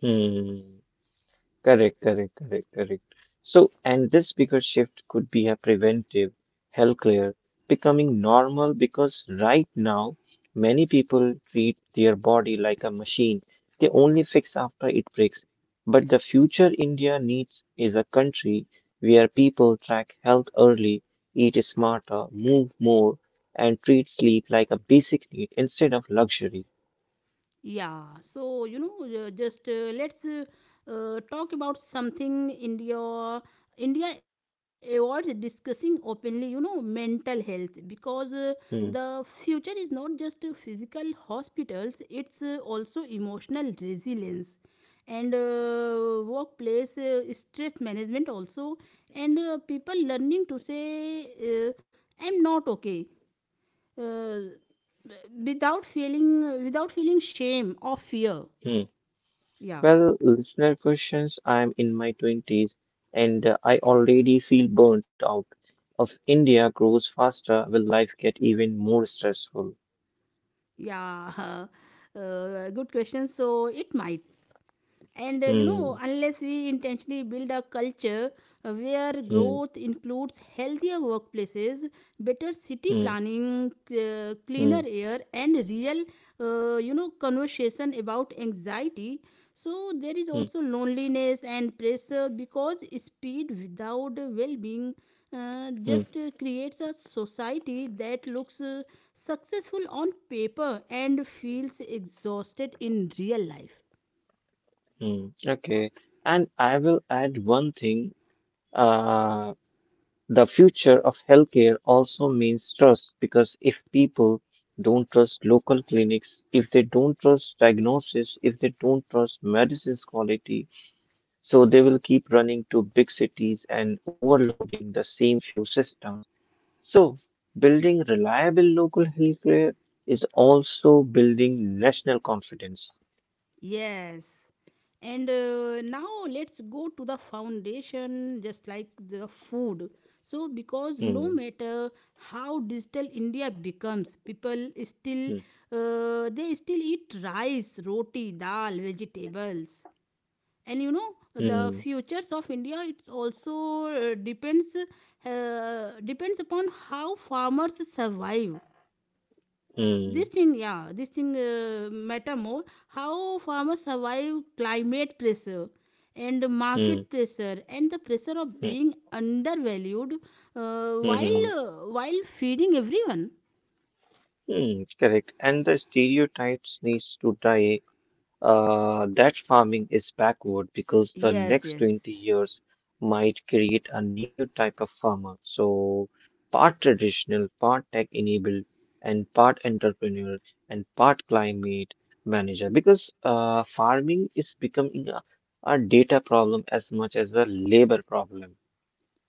Speaker 2: hmm. Correct, correct, correct, correct. So, and this bigger shift could be a preventive healthcare becoming normal because right now many people treat their body like a machine. They only fix after it breaks. But the future India needs is a country where people track health early, eat smarter, move more, and treat sleep like a basic need instead of luxury.
Speaker 1: Yeah, so you know, uh, just uh, let's uh, uh, talk about something India. India avoids discussing openly, you know, mental health because uh, the
Speaker 2: Hmm,
Speaker 1: future is not just uh, physical hospitals. It's uh, also emotional resilience and uh, workplace uh, stress management also, and uh, people learning to say, uh, I'm not okay, uh, without feeling without feeling shame or fear.
Speaker 2: hmm.
Speaker 1: Yeah,
Speaker 2: Well, listener questions. I'm in my twenties and uh, I already feel burnt out. If India grows faster, will life get even more stressful?
Speaker 1: yeah. Uh, good question. So it might. And uh, you know,
Speaker 2: Hmm,
Speaker 1: unless we intentionally build a culture uh, where
Speaker 2: hmm,
Speaker 1: growth includes healthier workplaces, better city
Speaker 2: hmm,
Speaker 1: planning, uh,
Speaker 2: hmm,
Speaker 1: cleaner air, and real, uh, you know, conversation about anxiety. So there is
Speaker 2: hmm,
Speaker 1: also loneliness and pressure, because speed without well being uh,
Speaker 2: hmm,
Speaker 1: just uh, creates a society that looks uh, successful on paper and feels exhausted in real life.
Speaker 2: hmm. Okay. And I will add one thing. Uh, the future of healthcare also means trust, because if people don't trust local clinics, if they don't trust diagnosis, if they don't trust medicine's quality, so they will keep running to big cities and overloading the same few systems. So building reliable local healthcare is also building national confidence.
Speaker 1: Yes. And uh, now let's go to the foundation, just like the food. So, because no
Speaker 2: Hmm,
Speaker 1: matter how digital India becomes, people still
Speaker 2: hmm,
Speaker 1: uh, they still eat rice, roti, dal, vegetables. And you know the
Speaker 2: hmm,
Speaker 1: futures of India. It's also uh, depends uh, depends upon how farmers survive
Speaker 2: hmm,
Speaker 1: this thing, yeah, this thing uh, matter more. How farmers survive climate pressure and
Speaker 2: hmm,
Speaker 1: market pressure and the pressure of
Speaker 2: hmm,
Speaker 1: being undervalued, uh,
Speaker 2: hmm,
Speaker 1: while
Speaker 2: hmm,
Speaker 1: uh, while feeding everyone.
Speaker 2: hmm, correct. And the stereotypes needs to die, uh, that farming is backward, because the
Speaker 1: Yes,
Speaker 2: next
Speaker 1: yes.
Speaker 2: twenty years might create a new type of farmer. So, part traditional, part tech enabled, and part entrepreneur, and part climate manager. Because uh, farming is becoming a, a data problem as much as a labor problem.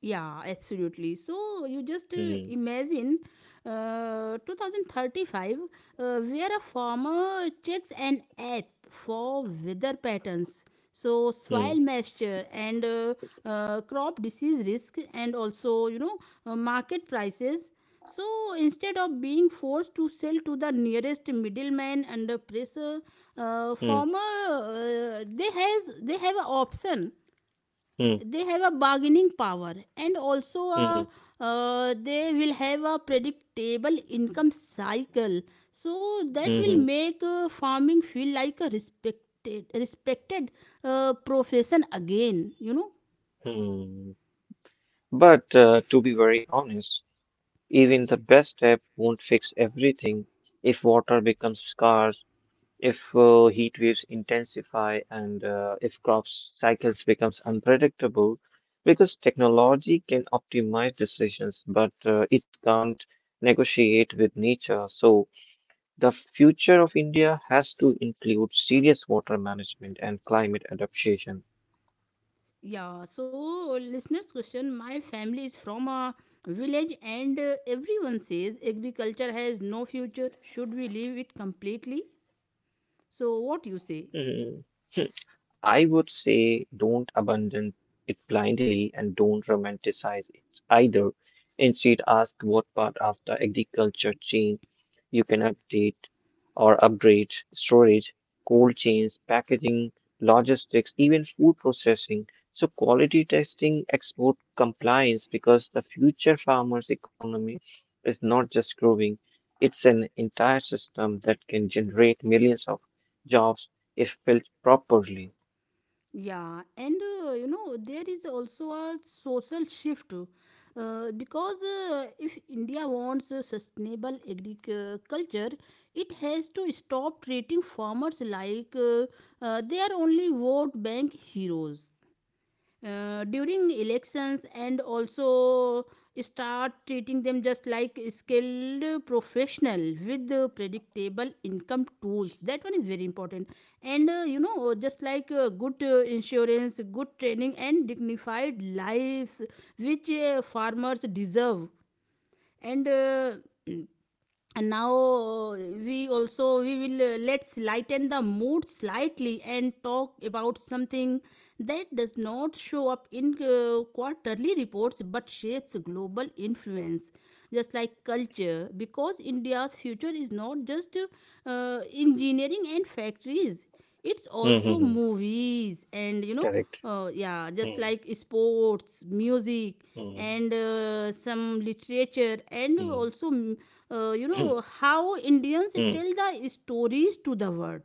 Speaker 1: Yeah, absolutely. So you just uh,
Speaker 2: Hmm,
Speaker 1: imagine uh, two thousand thirty-five, uh, where a farmer checks an app for weather patterns, so soil
Speaker 2: hmm,
Speaker 1: moisture and uh, uh, crop disease risk, and also, you know, uh, market prices. So instead of being forced to sell to the nearest middleman under pressure, uh,
Speaker 2: hmm,
Speaker 1: farmer, uh, they has they have an option,
Speaker 2: hmm,
Speaker 1: they have a bargaining power, and also
Speaker 2: hmm,
Speaker 1: a, uh, they will have a predictable income cycle. So
Speaker 2: hmm,
Speaker 1: that
Speaker 2: hmm.
Speaker 1: will make uh, farming feel like a respected respected uh, profession again, you know.
Speaker 2: Hmm. But uh, to be very honest, even the best step won't fix everything. If water becomes scarce, if uh, heat waves intensify, and uh, if crops cycles becomes unpredictable, because technology can optimize decisions, but uh, it can't negotiate with nature. So the future of India has to include serious water management and climate adaptation.
Speaker 1: Yeah. So listeners question: my family is from a village and uh, everyone says agriculture has no future. Should we leave it completely? So what you say?
Speaker 2: Mhm. I would say don't abandon it blindly and don't romanticize it either. Instead, ask what part of the agriculture chain you can update or upgrade. Storage, cold chains, packaging, logistics, even food processing. So, quality testing, export compliance, because the future farmers' economy is not just growing, it's an entire system that can generate millions of jobs if built properly.
Speaker 1: Yeah, and uh, you know, there is also a social shift, uh, because uh, if India wants a sustainable agriculture, it has to stop treating farmers like uh, uh, they are only vote bank heroes uh, during elections, and also start treating them just like skilled professional with uh, predictable income tools. That one is very important. And uh, you know, just like uh, good uh, insurance, good training, and dignified lives, which uh, farmers deserve. And uh, and now, uh, we also we will uh, let's lighten the mood slightly and talk about something that does not show up in uh, quarterly reports but shapes global influence, just like culture, because India's future is not just uh, engineering and factories. It's also
Speaker 2: Mm-hmm.
Speaker 1: movies and, you know,
Speaker 2: Correct.
Speaker 1: uh, yeah, just like sports, music
Speaker 2: Mm-hmm.
Speaker 1: and uh, some literature, and also mm, uh, you know how Indians tell the stories to the world.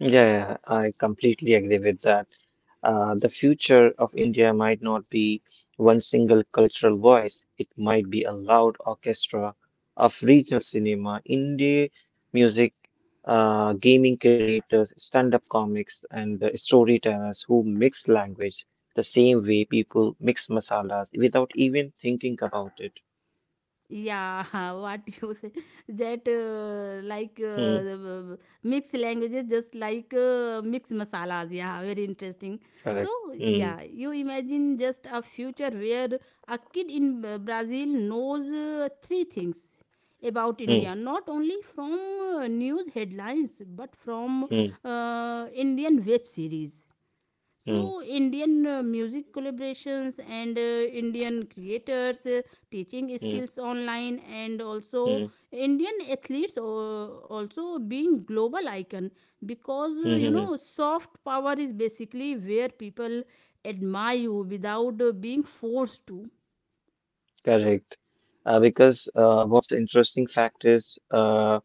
Speaker 2: Yeah. Yeah. Yeah. I completely agree with that. Uh, the future of India might not be one single cultural voice. It might be a loud orchestra of regional cinema, indie music, uh, gaming creators, stand-up comics, and uh, storytellers who mix language the same way people mix masalas without even thinking about it.
Speaker 1: Yeah, what you say, that uh, like,
Speaker 2: Hmm,
Speaker 1: uh, mixed languages, just like uh, mixed masalas. Yeah, very interesting. So
Speaker 2: correct. Hmm,
Speaker 1: yeah, you imagine just a future where a kid in uh, Brazil knows uh, three things about
Speaker 2: hmm,
Speaker 1: India, not only from uh, news headlines but from
Speaker 2: hmm,
Speaker 1: uh, Indian web series,
Speaker 2: hmm.
Speaker 1: so Indian uh, music collaborations and uh, Indian creators uh, teaching
Speaker 2: Mm,
Speaker 1: skills online, and also
Speaker 2: mm,
Speaker 1: Indian athletes uh, also being global icon, because
Speaker 2: mm,
Speaker 1: uh, you
Speaker 2: mm,
Speaker 1: know,
Speaker 2: mm.
Speaker 1: soft power is basically where people admire you without uh, being forced to.
Speaker 2: Correct. Uh, because uh, what's interesting fact is, uh,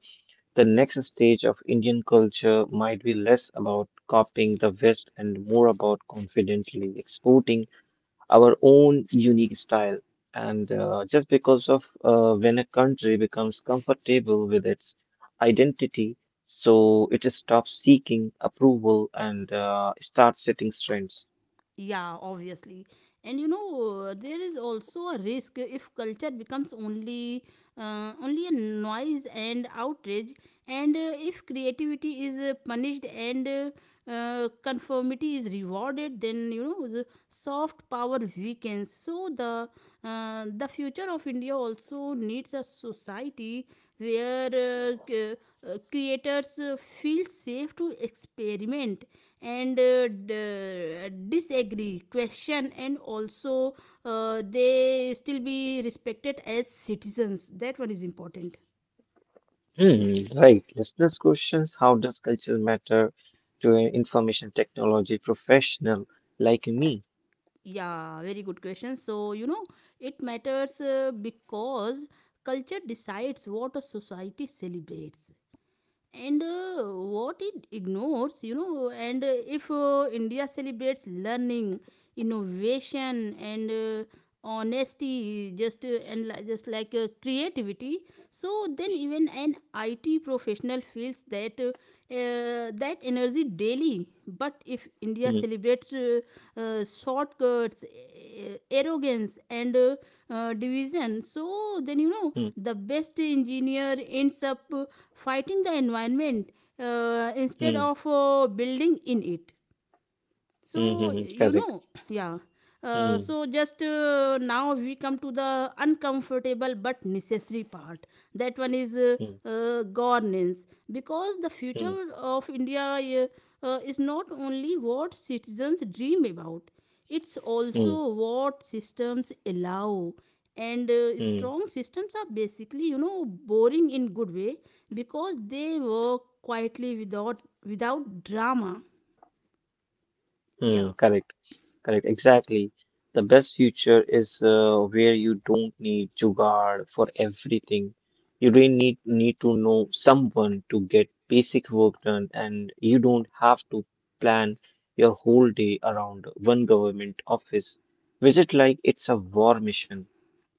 Speaker 2: the next stage of Indian culture might be less about copying the West and more about confidently exporting our own unique style. And uh, just because of uh, when a country becomes comfortable with its identity, so it stops seeking approval and uh, starts setting trends.
Speaker 1: Yeah, obviously. And you know, uh, there is also a risk if culture becomes only uh, only a noise and outrage, and uh, if creativity is uh, punished and uh, uh, conformity is rewarded, then you know the soft power weakens. So the uh, the future future of India also needs a society where uh, c- uh, creators uh, feel safe to experiment and uh, d- disagree, question, and also uh, they still be respected as citizens. That one is important.
Speaker 2: Hmm, right. Listeners' questions: how does culture matter to an information technology professional like me?
Speaker 1: Yeah, very good question. So, you know, it matters uh, because culture decides what a society celebrates and uh, what it ignores, you know. And uh, if uh, India celebrates learning, innovation and uh, honesty, just, uh, and li- just like uh, creativity, so then even an IT professional feels that uh, uh, that energy daily. But if India
Speaker 2: Hmm,
Speaker 1: celebrates uh, uh, shortcuts, uh, arrogance, and uh, uh, division, so then you know
Speaker 2: hmm,
Speaker 1: the best engineer ends up uh, fighting the environment uh,
Speaker 2: hmm,
Speaker 1: instead of uh, building in it.
Speaker 2: hmm, hmm,
Speaker 1: So,
Speaker 2: hmm,
Speaker 1: you
Speaker 2: correct.
Speaker 1: know, yeah. Uh,
Speaker 2: Hmm,
Speaker 1: so, just uh, now we come to the uncomfortable but necessary part. That one is uh,
Speaker 2: hmm,
Speaker 1: uh, governance. Because the
Speaker 2: hmm,
Speaker 1: future of India uh, uh, is not only what citizens dream about, it's
Speaker 2: hmm,
Speaker 1: also what systems allow. And uh,
Speaker 2: hmm, hmm,
Speaker 1: strong systems are basically, you know, boring in good way, because they work quietly without without drama.
Speaker 2: hmm,
Speaker 1: Yeah.
Speaker 2: correct. Correct, exactly. The best future is uh, where you don't need Jugaad for everything. You really need need to know someone to get basic work done, and you don't have to plan your whole day around one government office visit like it's a war mission.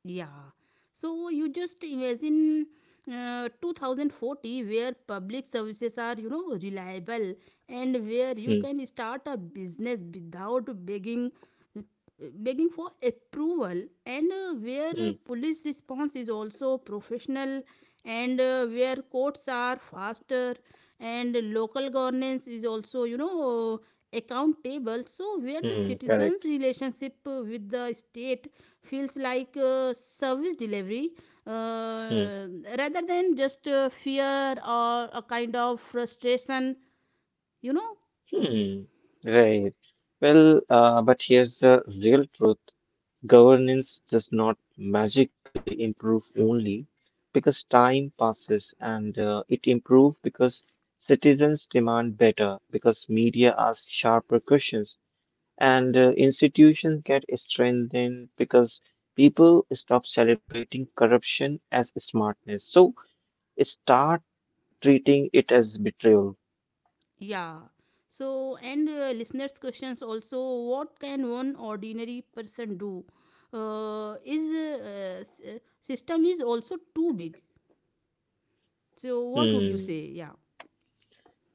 Speaker 1: Yeah. So you just imagine uh, two thousand forty, where public services are, you know, reliable, and where you
Speaker 2: Hmm,
Speaker 1: can start a business without begging begging for approval, and uh,
Speaker 2: hmm,
Speaker 1: where police response is also professional, and uh, where courts are faster, and local governance is also, you know, account table. So where the
Speaker 2: hmm,
Speaker 1: citizens
Speaker 2: correct.
Speaker 1: relationship uh, with the state feels like uh, service delivery
Speaker 2: Hmm,
Speaker 1: uh, rather than just uh, fear or a kind of frustration, you know.
Speaker 2: hmm, right. Well, uh, but here's the real truth. Governance does not magically improve only because time passes, and uh, it improves because citizens demand better, because media ask sharper questions, and uh, institutions get strengthened because people stop celebrating corruption as smartness. So start treating it as betrayal.
Speaker 1: Yeah. So and uh, listeners questions also: what can one ordinary person do? Uh, is uh, s- uh, system is also too big. So what would you
Speaker 2: Hmm.
Speaker 1: say? Yeah.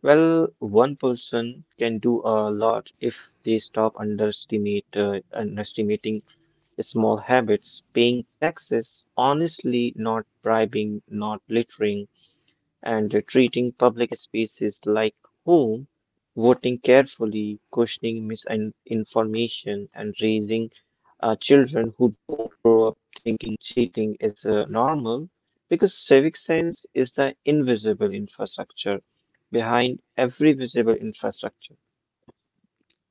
Speaker 2: Well, one person can do a lot if they stop underestimate, uh, underestimating small habits, paying taxes, honestly not bribing, not littering, and treating public spaces like home, voting carefully, questioning misinformation, and raising uh, children who don't grow up thinking cheating is uh, normal, because civic sense is the invisible infrastructure behind every visible infrastructure.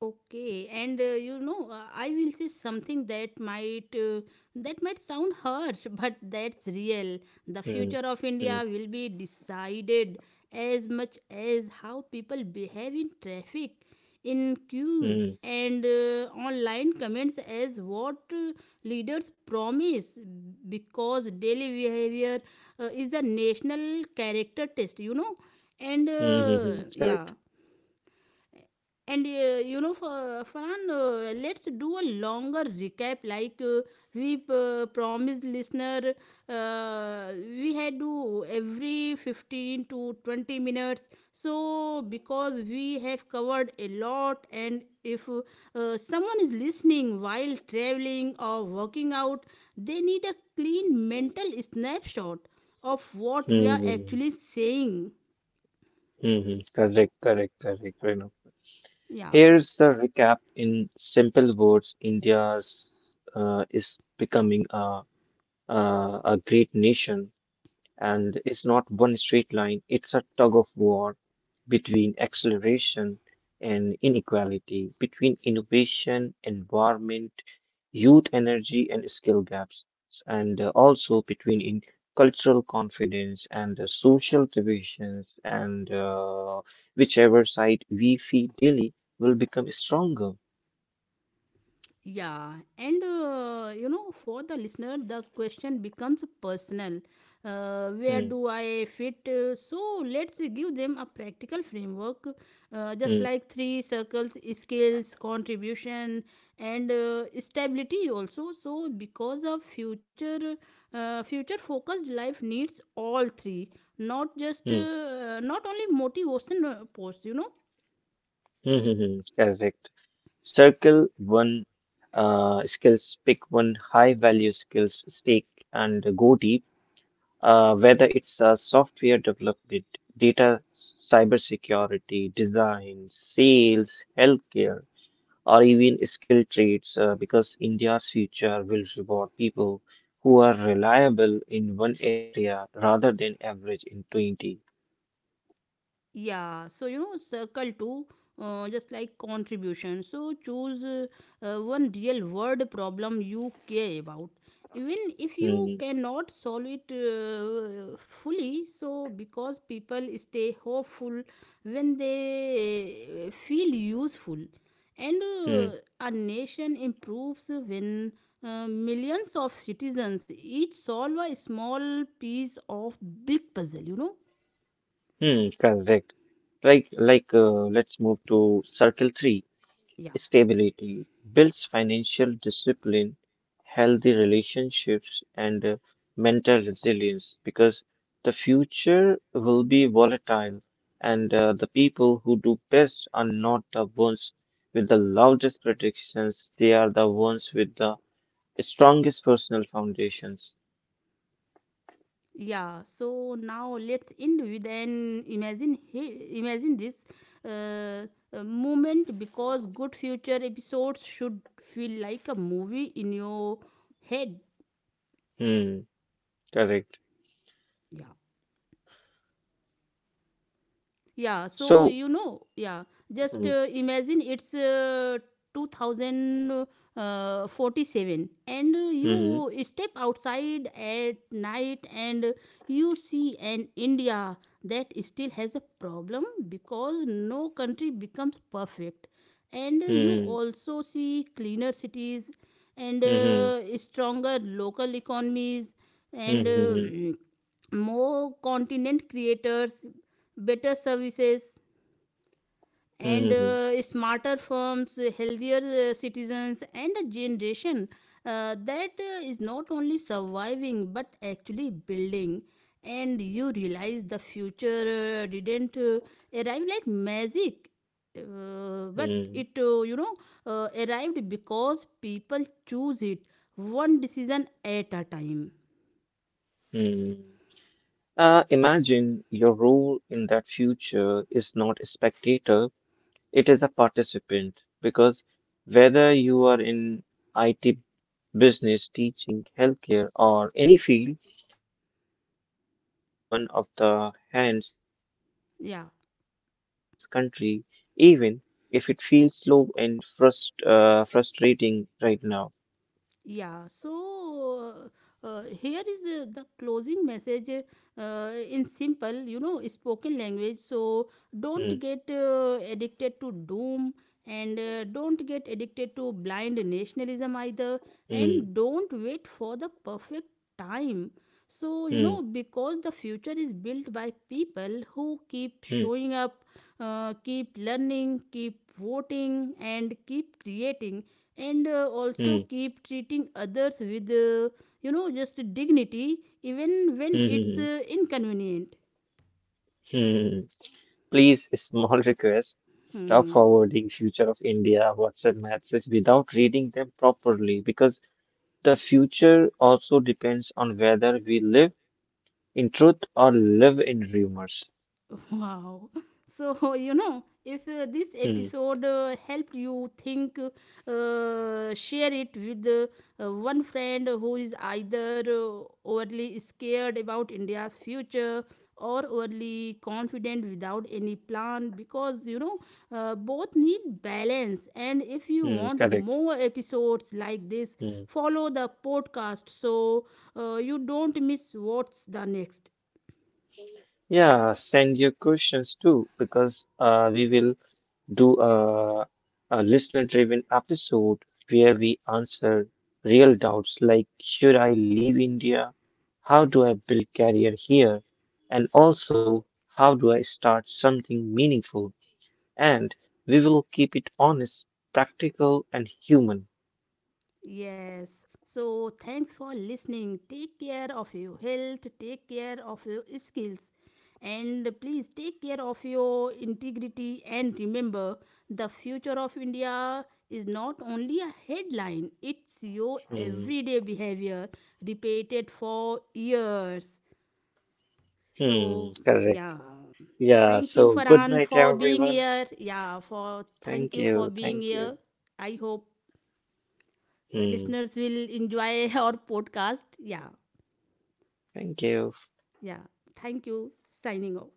Speaker 1: Okay, and uh, you know, uh, I will say something that might, uh, that might sound harsh, but that's real. The
Speaker 2: Hmm,
Speaker 1: future of
Speaker 2: hmm,
Speaker 1: India will be decided as much as how people behave in traffic, in queues,
Speaker 2: hmm,
Speaker 1: and uh, online comments as what uh, leaders promise, because daily behavior uh, is a national character test. You know. And
Speaker 2: hmm, hmm, hmm,
Speaker 1: uh,
Speaker 2: correct.
Speaker 1: yeah. And uh, you know, for Farhan, uh, let's do a longer recap. Like, uh, we uh, promised listener, uh, we had to every fifteen to twenty minutes. So, because we have covered a lot, and if uh, someone is listening while traveling or working out, they need a clean mental snapshot of what we
Speaker 2: Hmm, hmm,
Speaker 1: are
Speaker 2: hmm. Hmm.
Speaker 1: actually saying.
Speaker 2: Hmm. Correct, correct, correct. Renu.
Speaker 1: Yeah.
Speaker 2: Here's the recap in simple words. India's uh, is becoming a, a a great nation, and it's not one straight line. It's a tug of war between acceleration and inequality, between innovation, environment, youth energy and skill gaps, and uh, also between in cultural confidence and the social divisions, and uh, whichever side we feed daily will become stronger.
Speaker 1: Yeah, and uh, you know, for the listener, the question becomes personal. Uh, where
Speaker 2: Hmm,
Speaker 1: do I fit? Uh, So let's give them a practical framework, uh, just
Speaker 2: hmm,
Speaker 1: like three circles: skills, contribution, and uh, stability. Also, so because of future, uh, future-focused life needs all three, not just
Speaker 2: hmm,
Speaker 1: uh, not only motivation uh, posts. You know.
Speaker 2: hmm, hmm, hmm, correct. Circle one, uh, skills, pick one high value skills, stake and go deep, uh, whether it's a software development, data cybersecurity, design, sales, healthcare, or even skilled trades, uh, because India's future will reward people who are reliable in one area rather than average in twenty.
Speaker 1: Yeah, so you know, circle two, uh, just like contribution. So choose uh, uh, one real world problem you care about. Even if you
Speaker 2: Hmm,
Speaker 1: cannot solve it uh, fully, so because people stay hopeful when they uh, feel useful, and
Speaker 2: hmm,
Speaker 1: uh, a nation improves when uh, millions of citizens each solve a small piece of big puzzle. You know.
Speaker 2: hmm, correct. Like, like, uh, let's move to circle three.
Speaker 1: Yeah.
Speaker 2: Stability, builds financial discipline, healthy relationships, and uh, mental resilience, because the future will be volatile and uh, the people who do best are not the ones with the loudest predictions, they are the ones with the strongest personal foundations.
Speaker 1: Yeah, so now let's end with an imagine he, imagine this uh, uh, moment, because good future episodes should feel like a movie in your head.
Speaker 2: Hmm, correct.
Speaker 1: Yeah. Yeah, so
Speaker 2: So,
Speaker 1: you know, yeah, just
Speaker 2: hmm,
Speaker 1: uh, imagine it's uh, two thousand forty-seven, and
Speaker 2: hmm,
Speaker 1: you step outside at night and you see an India that still has a problem, because no country becomes perfect. And you
Speaker 2: hmm,
Speaker 1: also see cleaner cities, and
Speaker 2: hmm,
Speaker 1: uh, stronger local economies, and
Speaker 2: hmm,
Speaker 1: uh,
Speaker 2: hmm,
Speaker 1: more continent creators, better services,
Speaker 2: hmm,
Speaker 1: and
Speaker 2: hmm,
Speaker 1: uh, smarter firms, healthier uh, citizens, and a generation uh, that uh, is not only surviving but actually building. And you realize the future uh, didn't uh, arrive like magic, uh, but
Speaker 2: hmm,
Speaker 1: it uh, you know, uh, arrived because people choose it one decision at a time.
Speaker 2: hmm. Hmm. Uh, imagine your role in that future is not a spectator, it is a participant. Because whether you are in I T, business, teaching, healthcare, or any field, you are literally one of the hands shaping
Speaker 1: Yeah.
Speaker 2: the clay of this country, even if it feels slow and frust- uh, frustrating right now.
Speaker 1: Yeah, so uh, uh, here is uh, the closing message uh, in simple, you know, spoken language. So don't
Speaker 2: Hmm,
Speaker 1: get uh, addicted to doom, and uh, don't get addicted to blind nationalism either.
Speaker 2: hmm,
Speaker 1: And don't wait for the perfect time. So, you
Speaker 2: hmm,
Speaker 1: know, because the future is built by people who keep
Speaker 2: hmm,
Speaker 1: showing up, uh, keep learning, keep voting, and keep creating, and uh, also
Speaker 2: hmm,
Speaker 1: keep treating others with uh, you know just dignity, even when
Speaker 2: hmm,
Speaker 1: it's uh,
Speaker 2: hmm,
Speaker 1: inconvenient.
Speaker 2: hmm. Please, a small request. Tough
Speaker 1: Hmm.
Speaker 2: forwarding future of India WhatsApp messages without reading them properly, because the future also depends on whether we live in truth or live in rumors.
Speaker 1: Wow. So, you know, if uh, this
Speaker 2: Hmm,
Speaker 1: episode uh, helped you think, uh, share it with uh, one friend who is either uh, overly scared about India's future or overly confident without any plan, because, you know, uh, both need balance. And if you
Speaker 2: hmm,
Speaker 1: want
Speaker 2: correct.
Speaker 1: more episodes like this,
Speaker 2: Hmm.
Speaker 1: follow the podcast, so uh, you don't miss what's the next.
Speaker 2: Yeah, send your questions too, because uh, we will do a, a listener driven episode where we answer real doubts like should I leave India? How do I build career here? And also how do I start something meaningful? And we will keep it honest, practical and human.
Speaker 1: Yes. So thanks for listening. Take care of your health, take care of your skills, and please take care of your integrity. And remember, the future of India is not only a headline, it's your
Speaker 2: Hmm.
Speaker 1: everyday behavior repeated for years.
Speaker 2: Hmm.
Speaker 1: So,
Speaker 2: Correct.
Speaker 1: yeah.
Speaker 2: Yeah.
Speaker 1: Thank you,
Speaker 2: So good
Speaker 1: Farhan,
Speaker 2: night
Speaker 1: for being
Speaker 2: everyone.
Speaker 1: here. Yeah, for thank
Speaker 2: Thank
Speaker 1: you for
Speaker 2: you.
Speaker 1: being
Speaker 2: Thank you.
Speaker 1: here. I hope
Speaker 2: Hmm.
Speaker 1: listeners will enjoy our podcast. Yeah,
Speaker 2: Thank you.
Speaker 1: yeah. Thank you. Signing off.